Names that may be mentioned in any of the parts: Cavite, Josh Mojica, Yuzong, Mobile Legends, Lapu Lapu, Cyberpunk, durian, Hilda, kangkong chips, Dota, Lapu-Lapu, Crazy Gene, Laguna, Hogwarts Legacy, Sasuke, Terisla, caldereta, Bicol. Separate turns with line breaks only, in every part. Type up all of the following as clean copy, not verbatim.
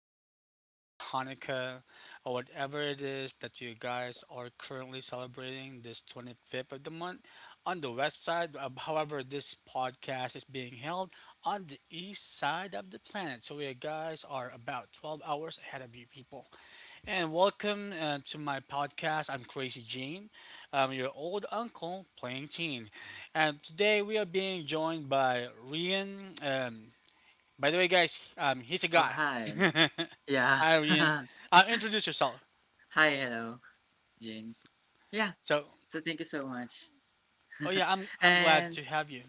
you all, or Hanukkah, or whatever it is that you guys are currently celebrating this 25th of the month on the west side. However, this podcast is being held on the east side of the planet. So you guys are about 12 hours ahead of you people. And welcome to my podcast. I'm Crazy Gene, your old uncle playing teen. And today we are being joined by Rian. By the way, guys, he's a
Oh,
guy.
hi. Yeah.
Arian, introduce yourself.
Hi, hello, Jane. Yeah,
So,
so thank you so much.
oh yeah, I'm glad
And
to have you.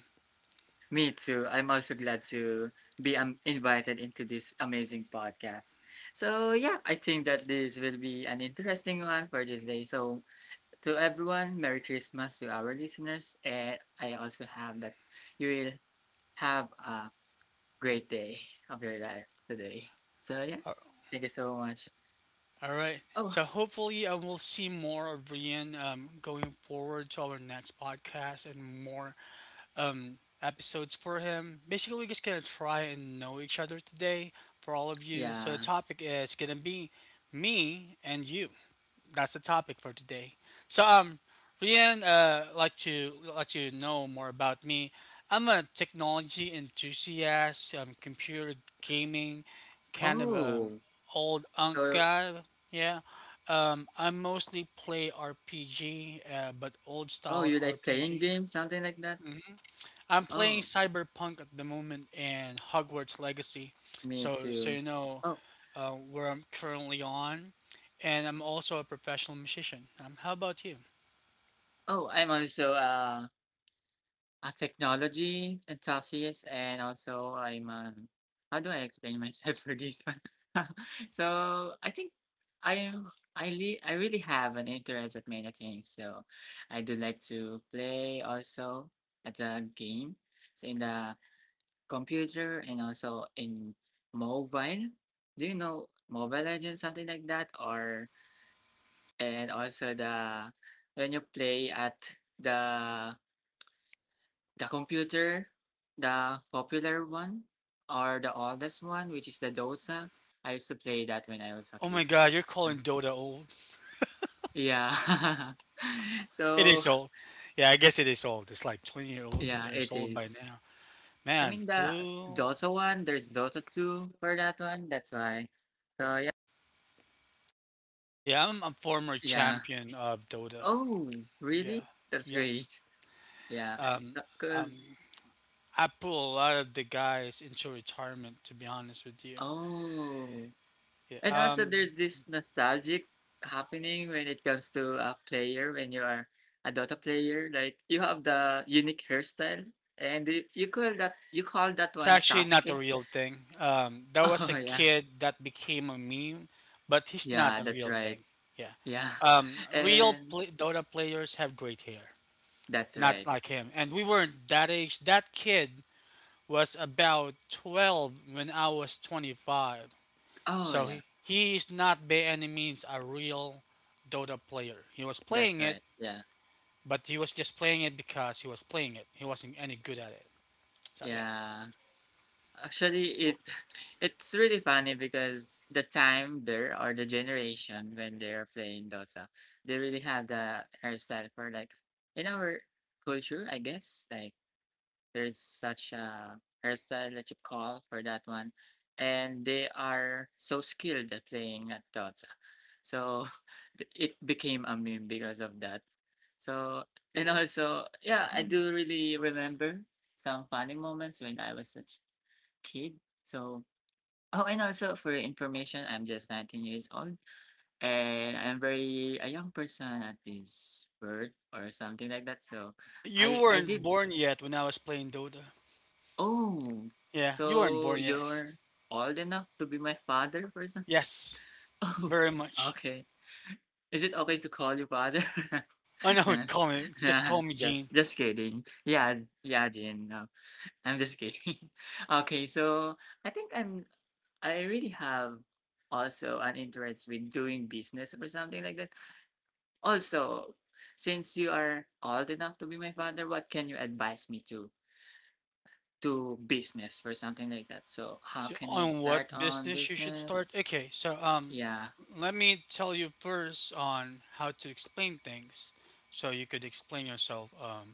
me too. I'm also glad to be invited into this amazing podcast. So, yeah, I think that this will be an interesting one for this day. So, to everyone, Merry Christmas to our listeners. And I also have that you will have a great day of your life today. So, yeah,
Uh,
thank you so much.
All right.
Oh,
So hopefully, I will see more of Rian going forward to our next podcast and more episodes for him. Basically, we're just gonna try and know each other today for all of you. So the
yeah.
topic is gonna be me and you. That's the topic for today. So um, Rian, like to let you know more about me. I'm a technology enthusiast, computer gaming, kind of
Oh.
old unk
So,
guy. Yeah, I mostly play RPG, but old
oh,
style
you like playing
RPG.
games, something like that?
Mhm. I'm playing
Oh,
Cyberpunk at the moment and Hogwarts Legacy.
me
So so
too.
you know,
Oh,
where I'm currently on, and I'm also a professional musician. How about you?
oh, I'm also a technology enthusiast, and also I'm a, how do I explain myself for this one? So I think I am I li- I really have an interest at many things. So I do like to play also at the game. So in the computer and also in mobile. Do you know Mobile Legends, something like that? Or and also the when you play at the the computer, the popular one or the oldest one, which is the Dosa. I used to play that when I was a
Oh my
kid.
God, you're
So,
calling Dota old?
yeah.
It
So
is old. Yeah, I guess it is old. It's like 20-year-old
yeah,
years
it
old by
is.
now.
I
Man,
mean the
flu.
Dota one, there's Dota two for that one. That's why. So yeah.
Yeah, I'm a former
Yeah.
champion of Dota.
Oh,
Yeah.
really? That's
Yes.
great. Yeah.
Um,
So,
um,
cause
I pull a lot of the guys into retirement, to be honest with you.
oh,
Yeah.
and also there's this nostalgic happening when it comes to a player when you are a Dota player. Like you have the unique hairstyle, and you call that
That's
one
actually not a
Sasuke.
real thing. That was a
Oh yeah,
kid that became a meme, but he's not
yeah,
a
that's
real
right.
thing. Yeah.
Yeah, and
Dota players have great hair,
that's
not
right.
like him. And we weren't that age. That kid was about 12 when I was 25.
Oh
So
yeah,
he is not by any means a real Dota player. He was
that's
playing it,
right. Yeah,
but he was just playing it because he was playing it. He wasn't any good at it. So yeah.
yeah. Actually, it it's really funny because the time there or the generation when they are playing Dota, they really have the hairstyle for like in our culture, I guess. Like there's such a hairstyle that you call for that one, and they are so skilled at playing at Dota, so it became a meme because of that. So and also, yeah, I do really remember some funny moments when I was kid. So, oh, and also for your information, I'm just 19 years old and I'm very a young person at this birth or something like that. So,
Yeah, you
I
weren't
did.
born yet when I was playing Dota.
Oh,
Yeah, you weren't
so
born yet.
you're old enough to be my father, for example?
Yes,
Oh,
very much.
okay. Is it okay to call you father?
I know.
Yeah,
Call me. Just
yeah,
call me Gene.
just kidding. Yeah, yeah, Jin. No, I'm just kidding. Okay, so I think I really have also an interest with doing business or something like that. Also, since you are old enough to be my father, what can you advise me to do business or something like that? So, how can I
On
start
what
on
business you should
business?
start? Okay, so
Yeah.
let me tell you first on how to explain things, so you could explain yourself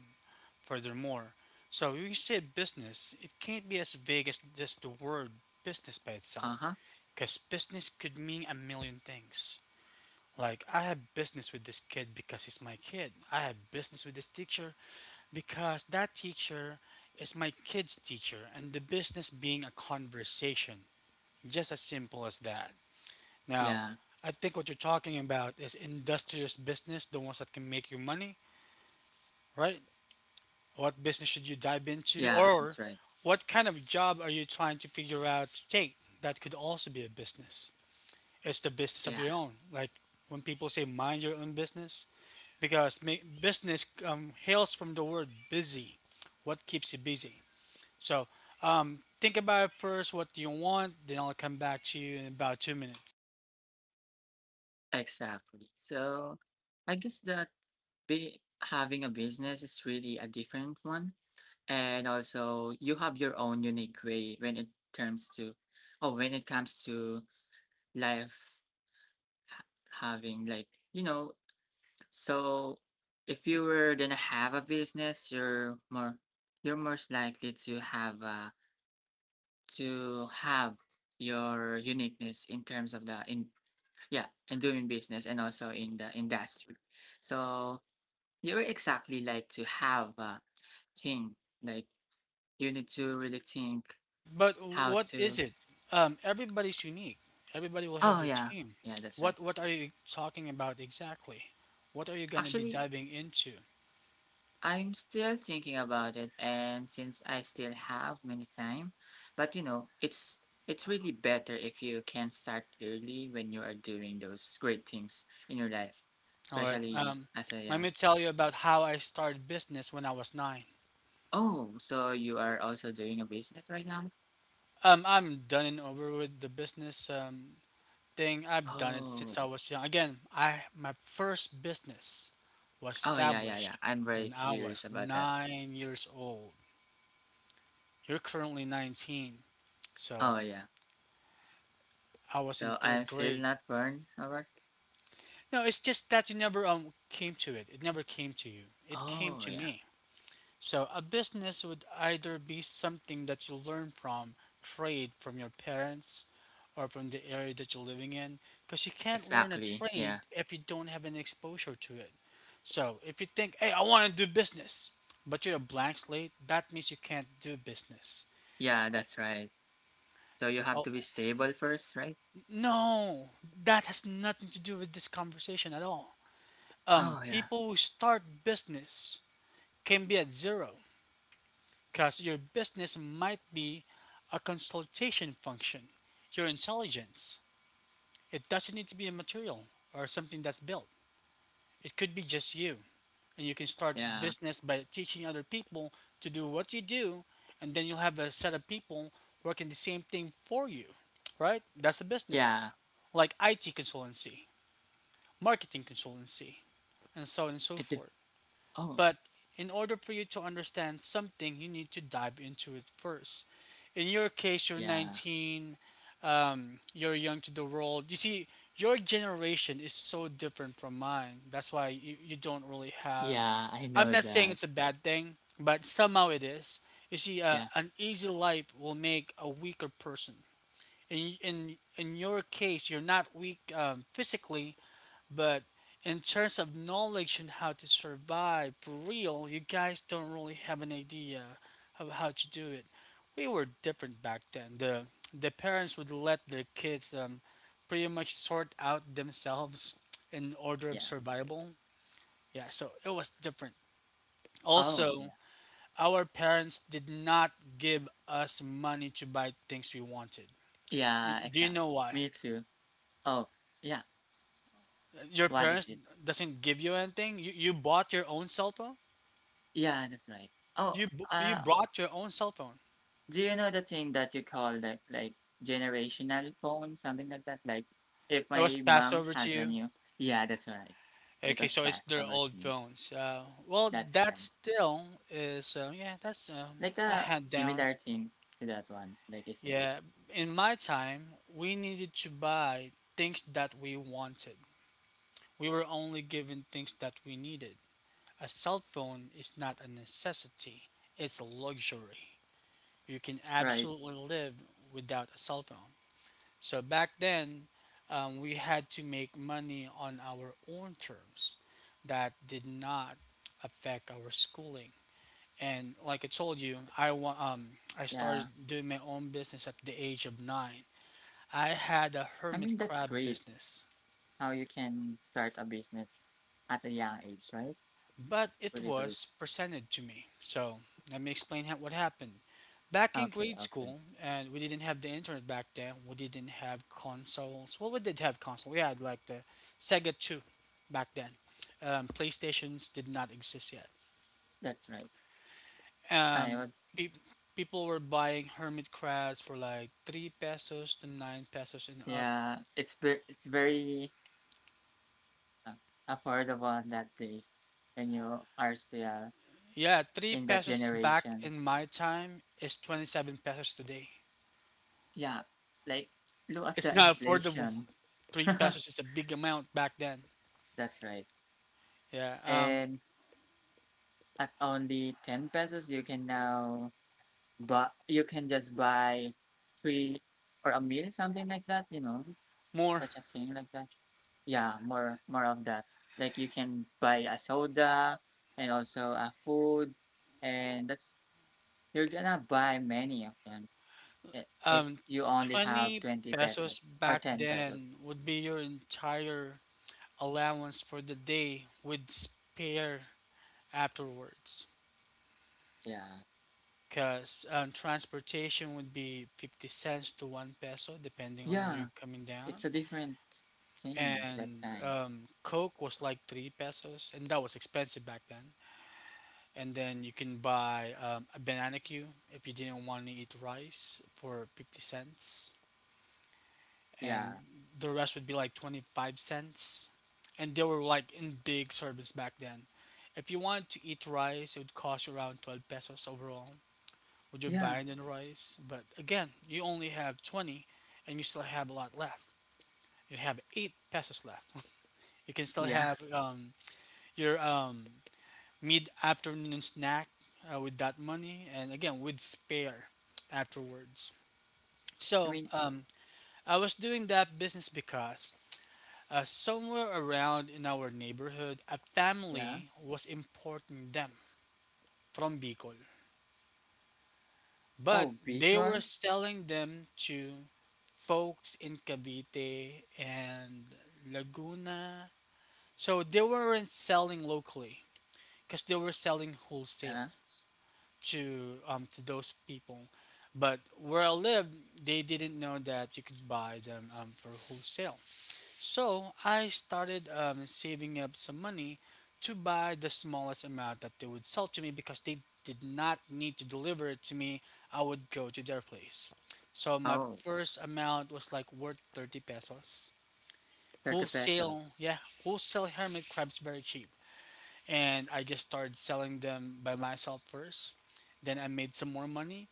furthermore. So when you say business, it can't be as vague as just the word business by itself,
Uh huh.
because business could mean a million things. Like I have business with this kid because he's my kid. I have business with this teacher because that teacher is my kid's teacher, and the business being a conversation just as simple as that. Now,
Yeah.
I think what you're talking about is industrious business, the ones that can make you money, right? What business should you
Yeah.
dive
That's right.
into, or what kind of job are you trying to figure out to take that could also be a business? It's the
Yeah.
business of your own. Like when people say mind your own business, because business hails from the word busy. What keeps you busy? So think about it first. What do you want? Then I'll come back to you in about 2 minutes.
Exactly. So, I guess that be having a business is really a different one and also you have your own unique way when it terms to oh when it comes to life having like you know so if you were gonna have a business you're most likely to have to have your uniqueness in terms of the in yeah in doing business and also in the industry, so you're exactly like to have a thing like you need to really think
Right, but
how
what is
to.
it? Everybody's unique. Everybody will have
Oh
their
yeah.
team.
Yeah, that's right.
What are you talking about exactly? What are you going to be
Actually,
diving into?
I'm still thinking about it and since I still have many time, but you know, it's really better if you can start early when you are doing those great things in your life,
All right.
especially as a
Let
young.
me tell you about how I started business when I was 9.
Oh, so you are also doing a business right now?
I'm done and over with the business. Thing, I've done it
Oh.
since I was young. Again, I my first business was
Oh yeah, yeah, yeah.
established
I'm very
when I
curious
was
about that.
9 years old. You're currently 19, so
Oh yeah.
I was in
So I'm
third
still
grade.
not burned about.
No, it's just that you never came to it. It never came to you. It came
Oh
to
yeah.
me. So a business would either be something that you learn from, trade from your parents, or from the area that you're living in, because you can't learn a
Exactly.
trade
Yeah.
if you don't have any exposure to it. So if you think, hey, I want to do business, but you're a blank slate, that means you can't do business.
Yeah,
Oh,
that's right. So you have
oh,
to be stable first, right?
no, that has nothing to do with this conversation at all.
Oh yeah,
People who start business can be at zero, because your business might be a consultation function. Your intelligence. It doesn't need to be a material or something that's built. It could be just you. And you can start
yeah,
business by teaching other people to do what you do, and then you'll have a set of people working the same thing for you, right? That's a business.
yeah.
Like IT consultancy, marketing consultancy,
It def-
and so on and so forth.
oh
But in order for you to understand something, you need to dive into it first. In your case, you're
yeah,
19, you're young to the world. You see, your generation is so different from mine. That's why you don't really have.
yeah. I
I'm
know
not saying
that.
it's a bad thing, but somehow it is. You see,
Yeah,
an easy life will make a weaker person. In your case, you're not weak physically, but in terms of knowledge and how to survive for real, you guys don't really have an idea of how to do it. We were different back then. The parents would let their kids pretty much sort out themselves in order of
yeah.
survival. Yeah, so it was different.
Oh yeah,
Also, our parents did not give us money to buy things we wanted.
yeah.
Do you
Exactly.
know why?
Me too. Oh yeah.
Your
What is
parents
it?
doesn't give you anything. You bought your own cell phone?
Yeah, that's right. Oh,
You
uh,
brought your own cell phone.
do you know the thing that you call like generational phone, something like that? Like if
It was
my
passed
mom
over to
has a
you.
new. Yeah, that's right. It
Okay,
was
so it's
passed
their
over
old
to me.
phones. Well,
That's
that
right.
still is yeah, that's
Like
a
a
hand down.
similar thing to that one. Like I said,
Yeah, in my time, we needed to buy things that we wanted. We were only given things that we needed. A cell phone is not a necessity; it's a luxury. You can
right.
absolutely live without a cell phone. So back then, we had to make money on our own terms that did not affect our schooling. And like I told you, I
Yeah.
started doing my own business at the age of 9. I had a
I
hermit
mean, that's
crab
great
business.
how you can start a business at a young age, right?
But
It's
it
really great.
was presented to me. So let me explain what happened. Back in
Okay,
grade
okay.
school, and we didn't have the internet back then. We didn't have consoles. Well, we did have console. We had like the Sega Two back then. PlayStations did not exist yet.
That's right. I
Um,
was,
pe- people were buying hermit crabs for like 3 pesos to 9 pesos and up.
yeah, it's very uh, affordable that days when you are still
Yeah, three
in that
pesos back
generation.
in my time is 27 pesos today.
Yeah, like look at
It's
the
not affordable.
inflation.
Three
That's
pesos is a big amount back then.
right.
Yeah.
And at only 10 pesos, you can now. But you can just buy 3 or a meal, something like that, you know,
More.
such a thing like that. Yeah, more of that. Like you can buy a soda and also a food, and that's you're gonna buy many of them if
Um,
you only have
20
20
pesos
pesos or
back
10 pesos.
then would be your entire allowance for the day with spare afterwards.
Yeah.
Cause transportation would be 50 cents to 1 peso depending on where you're
Yeah,
coming
it's
down,
a different thing that
and
time.
Coke was like 3 pesos, and that was expensive back then. And then you can buy a banana cue if you didn't want to eat rice for 50 cents, and
Yeah.
the rest would be like 25 cents, and they were like in big servings back then. If you want to eat rice, it would cost you around 12 pesos overall with your
Yeah.
viand and rice, but again, you only have 20, and you still have a lot left. You have 8 pesos left. You can still
Yeah.
have your mid afternoon snack with that money, and again with spare afterwards.
I
So
mean,
um, I was doing that business because somewhere around in our neighborhood, a
yeah.
family was importing them from Bicol, but
Oh,
they were
because.
selling them to folks in Cavite and Laguna. So they weren't selling locally because they were selling
Yeah.
wholesale. To to those people. But where I lived, they didn't know that you could buy them for wholesale. So I started saving up some money to buy the smallest amount that they would sell to me, because they did not need to deliver it to me. I would go to their place. So my
Oh.
first amount was like worth 30 pesos.
30
Wholesale,
pesos.
yeah, wholesale hermit crabs very cheap, and I just started selling them by myself first. Then I made some more money,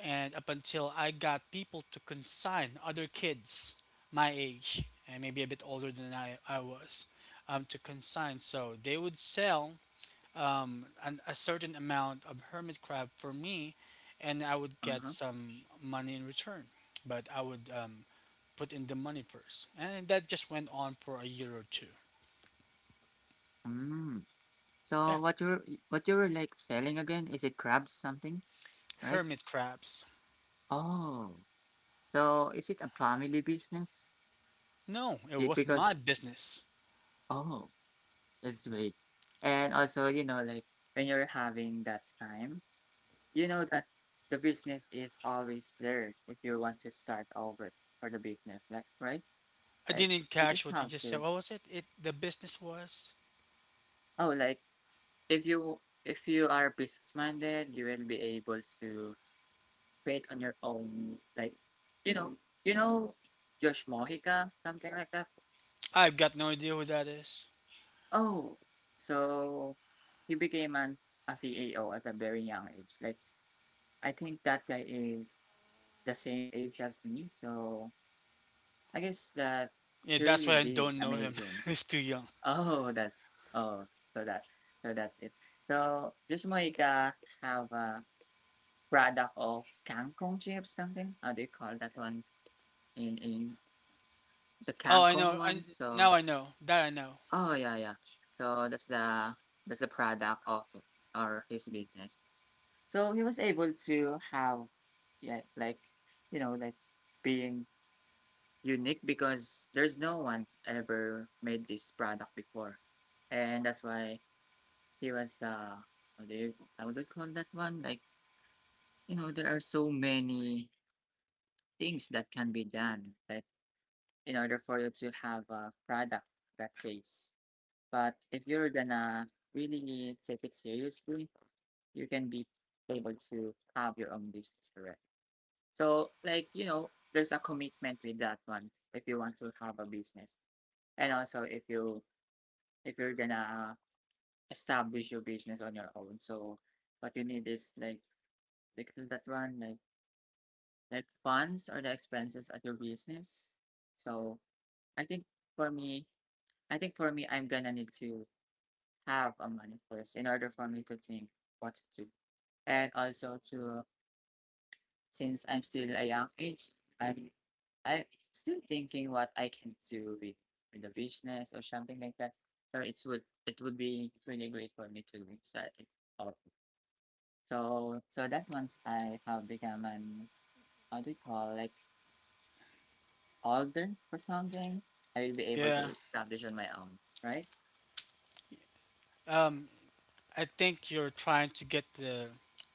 and up until I got people to consign other kids my age and maybe a bit older than I was to consign. So they would sell a certain amount of hermit crab for me, and I would get
Uh-huh.
some money in return. But I would put in the money first, and that just went on for a year or two.
Mm.
Yeah,
So what you were like selling again? Is it crabs something, right?
hermit crabs.
Oh. So is it a family business?
No, it
Be-
was my
Because
business.
oh, it's great. And also, you know, like when you're having that time, you know that the business is always there if you want to start over for the business, like right?
I
Like
didn't
you
catch
just
what you
have
just said.
to.
What was it? The business was.
Oh, like if you if you are business minded, you will be able to create on your own. Like, you know, you know, Josh Mojica, something like that.
I've got no idea who that is.
Oh, so he became an a CAO at a very young age. Like, I think that guy is the same age as me, so I guess that
Yeah,
he
that's
really
why I
did
don't know him.
amazing.
He's too young.
Oh, that's oh, so that so that's it. So Josh Mojica have a product of kangkong chips, something. How do you call that one in the
Oh, I
kangkong
know. I
one? So
Now I know that I know.
oh, yeah, yeah. So that's the product of or his business. So he was able to have yeah, like you know, like being unique because there's no one ever made this product before. And that's why he was how do you I would call that one? Like, you know, there are so many things that can be done like in order for you to have a product that pays. But if you're gonna really take it seriously, you can be able to have your own business, correct? So, like, you know, there's a commitment with that one if you want to have a business. And also if you're gonna establish your business on your own. So what you need is like that one, like funds or the expenses at your business. So I think for me, I think for me, I'm gonna need to have a money first in order for me to think what to do. And also to since I'm still a young age, I'm I still thinking what I can do with the business or something like that. So it would be really great for me to start it out. So that once I have become an how do you call like older or something, I will be able
Yeah.
to establish on my own, right?
Um, I think you're trying to get the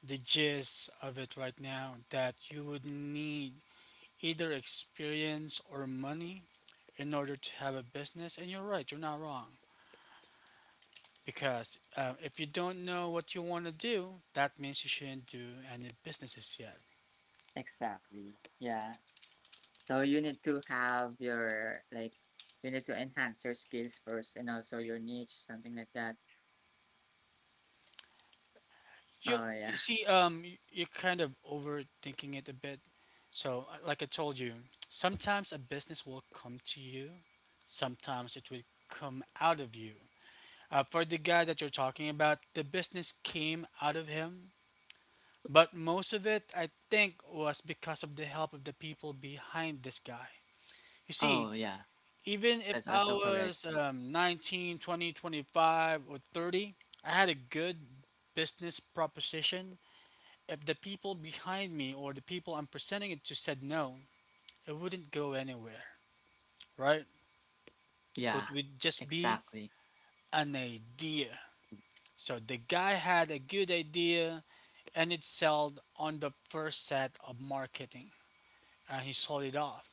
gist of it right now, that you would need either experience or money in order to have a business, and you're right. You're not wrong. Because if you don't know what you want to do, that means you shouldn't do any businesses yet.
Exactly. Yeah. So you need to have your like you need to enhance your skills first and also your niche, something like that.
You,
Oh, yeah.
you see, you're kind of overthinking it a bit. So, like I told you, sometimes a business will come to you, sometimes it will come out of you. For the guy that you're talking about, the business came out of him, but most of it, I think, was because of the help of the people behind this guy. You
Oh,
see,
yeah.
even if
That's
I
also correct.
was 19, 20, 25, or 30, I had a good business proposition. If the people behind me or the people I'm presenting it to said no, it wouldn't go anywhere, right?
Yeah,
It would just be
exactly.
an idea. So the guy had a good idea, and it sold on the first set of marketing and he sold it off.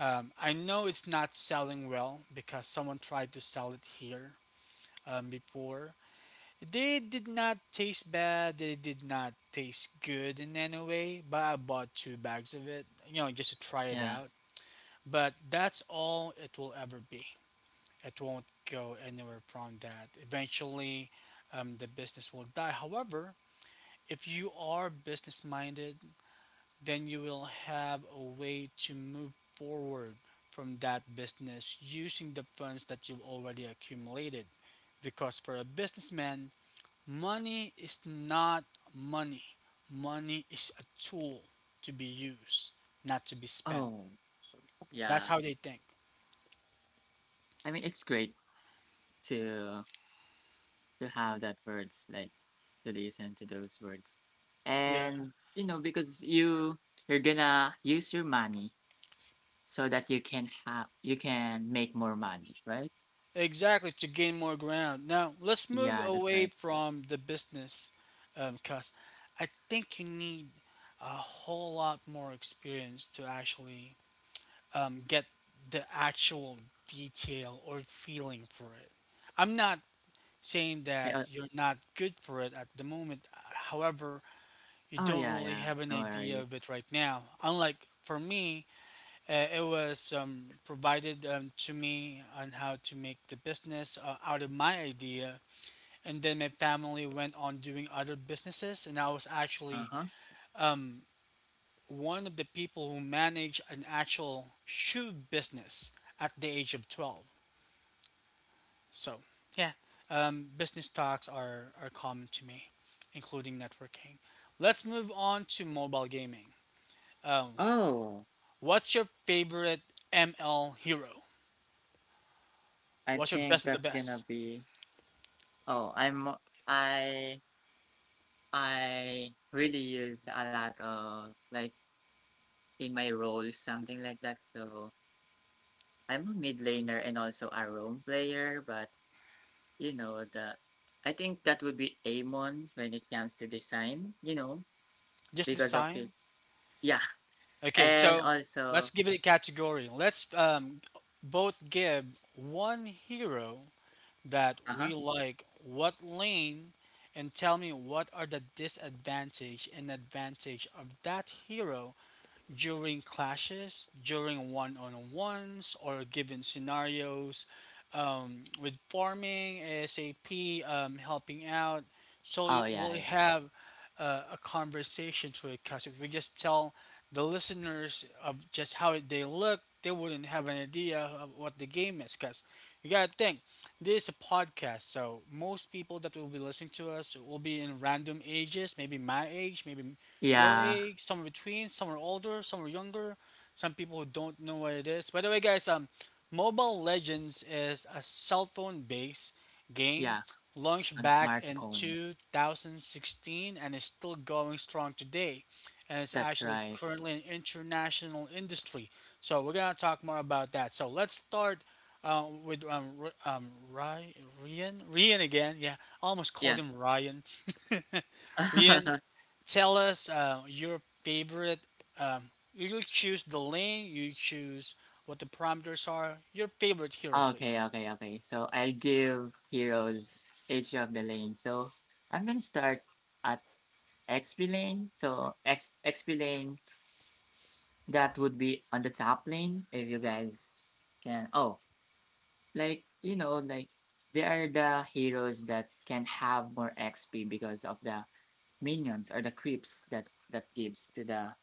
I know it's not selling well because someone tried to sell it here before. They did not taste bad. They did not taste good in any way. But I bought two bags of it, you know, just to try it
Yeah.
out. But that's all it will ever be. It won't go anywhere from that. Eventually, the business will die. However, if you are business minded, then you will have a way to move forward from that business using the funds that you've already accumulated. Because for a businessman, money is not money. Money is a tool to be used, not to be spent.
Oh,
That's
yeah.
how they think.
I mean, it's great to to have that words like to listen to those words,
Yeah,
and you know because you're gonna use your money so that you can make more money, right?
exactly, to gain more ground. Now, let's move
Yeah, that's
away
right.
from the business, cuz I think you need a whole lot more experience to actually get the actual detail or feeling for it. I'm not
I,
saying that you're not good for it at the moment. However,
oh
you
yeah,
don't
yeah.
really have
No
an idea of
worries.
it right now. Unlike for me, it was provided to me on how to make the business out of my idea. And then my family went on doing other businesses, and I was
Uh
actually
huh.
um, one of the people who managed an actual shoe business at the age of 12. So, yeah, business talks are common to me, including networking. Let's move on to mobile gaming. Um,
Oh,
What's your favorite ML hero?
I
What's your
think
best of the
that's gonna
best?
be. Oh, I'm. I I really use a lot of like in my role, something like that. So I'm a mid laner and also a roam player, but you know the I think that would be Amon when it comes to design, you know,
Just
because of
design?
his yeah.
Okay,
And
so let's
also
give it a category. Let's both give one hero that
uh-huh.
we like, what lane, and tell me what are the disadvantage and advantage of that hero during clashes, during one on ones, or given scenarios. With farming, ASAP, helping out. So
Oh yeah,
we'll
yeah.
have a conversation to it, because if we just tell the listeners of just how they look, they wouldn't have an idea of what the game is. Because you gotta think, this is a podcast, so most people that will be listening to us will be in random ages, maybe my age, maybe your
Yeah.
age, some are between, some are older, some are younger, some people who don't know what it is. By the way, guys, Mobile Legends is a cell phone based game
Yeah.
launched
On
back in
smartphone.
2016 and is still going strong today. And it's
That's
actually
right.
currently an international industry. So we're gonna talk more about that. So let's start with Ryan, Ryan again. Yeah, I almost called
Yeah.
him Ryan. Ryan, tell us your favorite. Um, you choose the lane, you choose what the parameters are. Your favorite hero,
Okay,
please.
okay, okay. So I'll give heroes each of the lane. So I'm gonna start at XP lane. So X XP lane that would be on the top lane if you guys can. Oh, like you know, like they are the heroes that can have more XP because of the minions or the creeps that gives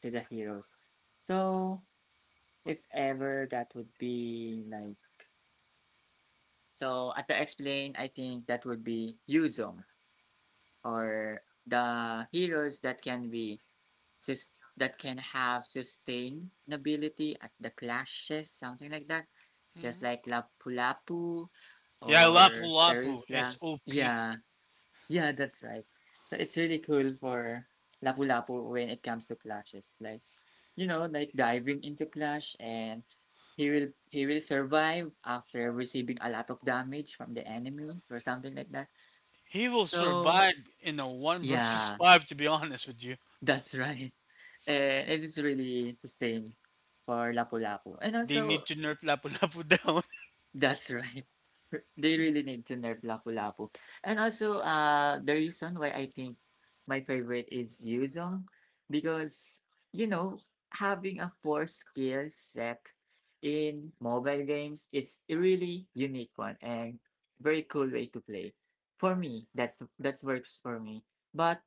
to the heroes. So if ever that would be like so at the X-Plane, I think that would be Yuzong or the heroes that can be just that can have sustainability at the clashes, something like that. Just
Mhm.
like Lapu-Lapu
Yeah, Lapu
or
Lapu is
Terisla.
OP.
Yeah, yeah, that's right. So it's really cool for Lapu-Lapu when it comes to clashes. Like, diving into clash, and he will survive after receiving a lot of damage from the enemy or something like that.
He will
So
survive in a 1 versus
yeah,
5, to be honest with you.
that's right. And it is really sustained for Lapu-Lapu. And
They need
also,
to nerf Lapu Lapu down.
that's right. They really need to nerf Lapu-Lapu. And also, the reason why I think my favorite is Yuzong, because, you know, having a four skill set in mobile games is a really unique one and very cool way to play. For me, that's works for me. But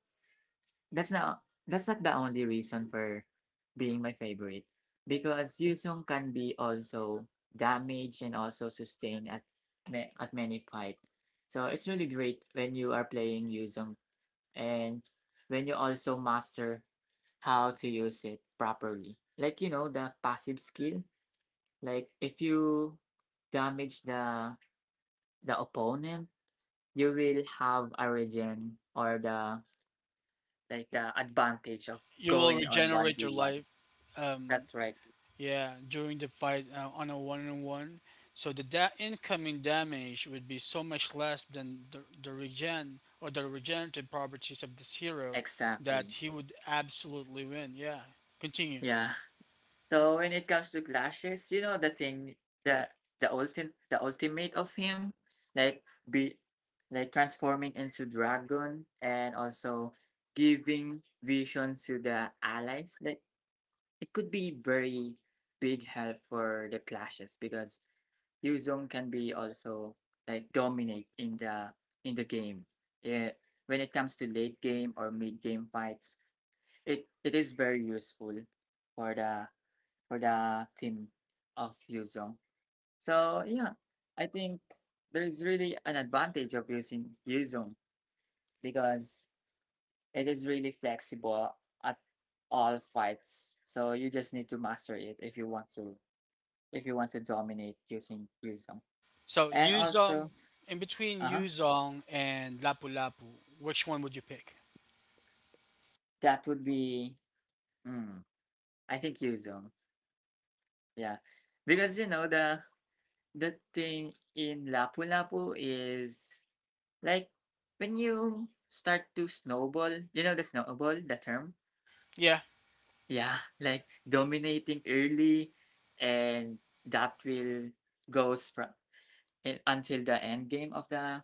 that's not the only reason for being my favorite, because Yusung can be also damaged and also sustained at at many fight. So it's really great when you are playing Yusung and when you also master how to use it properly. Like you know the passive skill. Like if you damage the opponent, you will have a regen or the, like, the advantage of
You will
going on
regenerate your
1v1.
life. Um,
That's right.
Yeah, during the fight on a one-on-one, so the incoming damage would be so much less than the regen or the regenerative properties of this hero that
Exactly.
he would absolutely win. Yeah, continue.
Yeah. So when it comes to clashes, you know the thing, the the ultimate of him, like be like transforming into dragon and also giving vision to the allies. Like it could be very big help for the clashes because Yuzong can be also like dominate in the game. Yeah, when it comes to late game or mid game fights, it is very useful for the for the team of Yuzong. So yeah, I think there's really an advantage of using Yuzong because it is really flexible at all fights. So you just need to master it if you want to dominate using Yuzong.
So
And
Yuzong,
also,
in between
uh huh.
Yuzong and Lapu Lapu, which one would you pick?
That would be, mm, I think Yuzong. Yeah, because you know the thing in Lapu-Lapu is, like, when you start to snowball. You know the snowball, the term.
Yeah,
Yeah, like dominating early, and that will goes from until the end game of the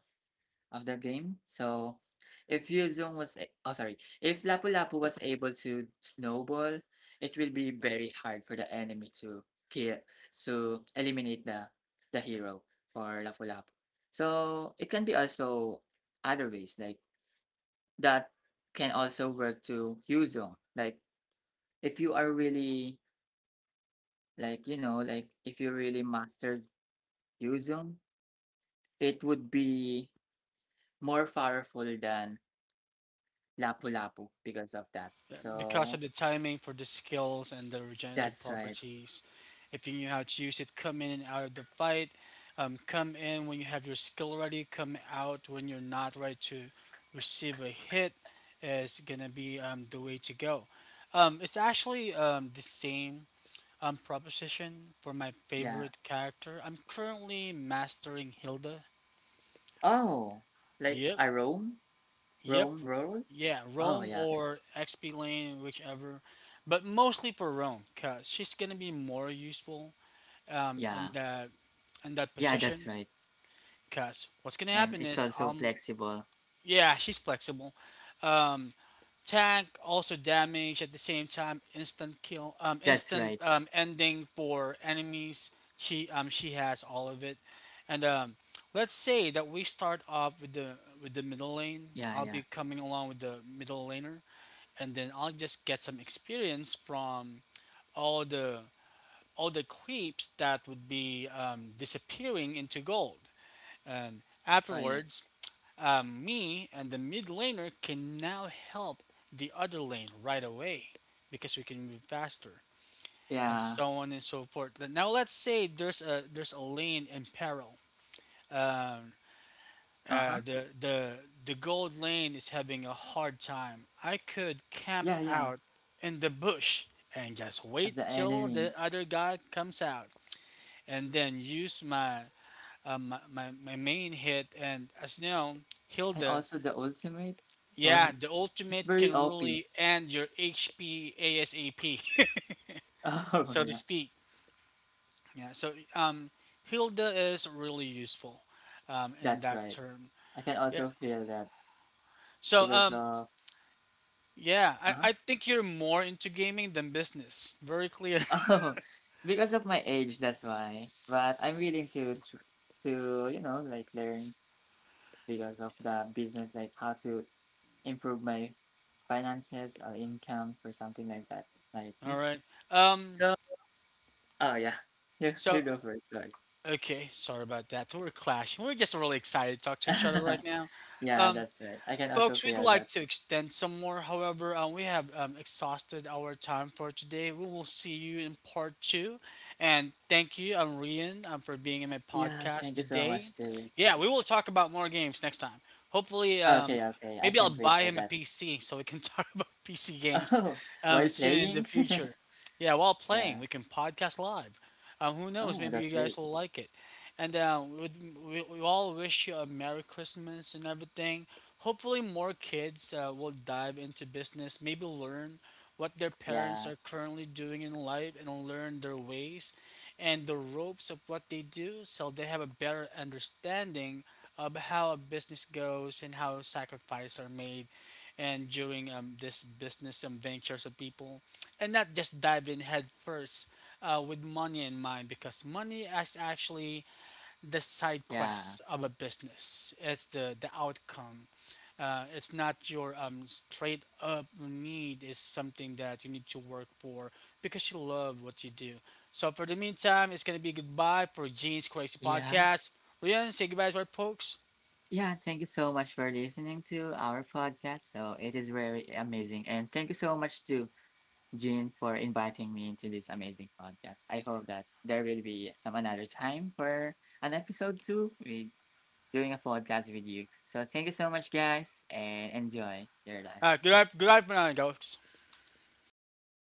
of the game. So if Yuzong was a- oh sorry, if Lapu-Lapu was able to snowball, it will be very hard for the enemy to kill to eliminate the hero for Lapu-Lapu. So it can be also other ways, like that can also work to Yuzong. Like if you are really, like, you know, like if you really mastered Yuzong, it would be more powerful than Lapu-Lapu because of that.
because
So
of the timing for the skills and the regenerative
that's right.
properties. If you knew how to use it, come in and out of the fight. Come in when you have your skill ready. Come out when you're not ready to receive a hit. Is gonna be the way to go. It's actually the same proposition for my
Yeah.
favorite character. I'm currently mastering Hilda.
Oh, like
Yep.
a Rome,
Yep.
Rome roll.
Yeah,
Oh
Rome
yeah,
or XP Lane, whichever. But mostly for Rome, cause she's gonna be more useful um
yeah,
in that in that
yeah. That's
position.
right.
Cause what's gonna happen
And
is
it's also flexible.
Yeah, she's flexible. Um Tank also damage at the same time, instant kill instant
That's right.
ending for enemies. She she has all of it. And let's say that we start off with the middle lane. I'll be
Yeah,
coming
yeah.
along with the middle laner, and then I'll just get some experience from all the all the creeps that would be disappearing into gold. And
Oh yeah,
afterwards, me and the mid laner can now help the other lane right away because we can move faster, and
yeah.
so on and so forth. Now let's say there's a lane in peril. Um,
Uh huh.
The gold lane is having a hard time. I could camp
Yeah, yeah.
out in the bush and just
And
wait
the
till
enemy,
the other guy comes out, and then use my my main hit. And as you know,
and
Hilda,
also the ultimate. For
yeah, the
it's
ultimate
very
can
OP.
really end your HP ASAP,
Oh
so to
yeah,
speak. Yeah, so Hilda is really useful in
that's
that
right.
term.
I can
Yeah.
also feel that
So
because of
yeah,
uh
I think you're more into gaming than business. Very clear.
oh, because of my age, that's why. But I'm willing to to, you know, like, learn because of the business, like how to improve my finances or income or something like that. Like, yeah.
All right. Um.
So oh yeah, you
So
you go first. Sorry.
okay, sorry about that. We're clashing. We're just really excited to talk to each other right now.
Yeah,
Um,
that's right. I can also
Folks, we'd
feel that.
like to extend some more. However, we have exhausted our time for today. We will see you in part two. And thank you, Rian, for being in my
Yeah,
podcast
thank you so
today.
much too.
Yeah, we will talk about more games next time. Hopefully,
Okay, okay. I
maybe I'll
can't wait
buy
for
him a
that.
PC so we can talk about PC games
Oh, while
soon in the
playing.
future. Yeah, while
Yeah.
playing, we can podcast live. Who knows?
Oh,
Maybe you
that's
guys
great.
will like it. And we all wish you a Merry Christmas and everything. Hopefully, more kids will dive into business, maybe learn what their parents
Yeah.
are currently doing in life and learn their ways and the ropes of what they do, so they have a better understanding of how a business goes and how sacrifices are made and during this business ventures of people, and not just dive in head first with money in mind, because money is actually the side
Yeah.
quest of a business. It's the outcome. It's not your straight up need. It's something that you need to work for because you love what you do. So for the meantime, it's gonna be goodbye for Gene's Crazy
Yeah.
Podcast. Ryan, say goodbye to our folks.
Yeah, thank you so much for listening to our podcast. So it is very amazing. And thank you so much to Jean for inviting me into this amazing podcast. I hope that there will be some another time for an episode two with doing a podcast with you. So thank you so much guys and enjoy your life.
Goodbye, goodbye for now, folks.
Yeah.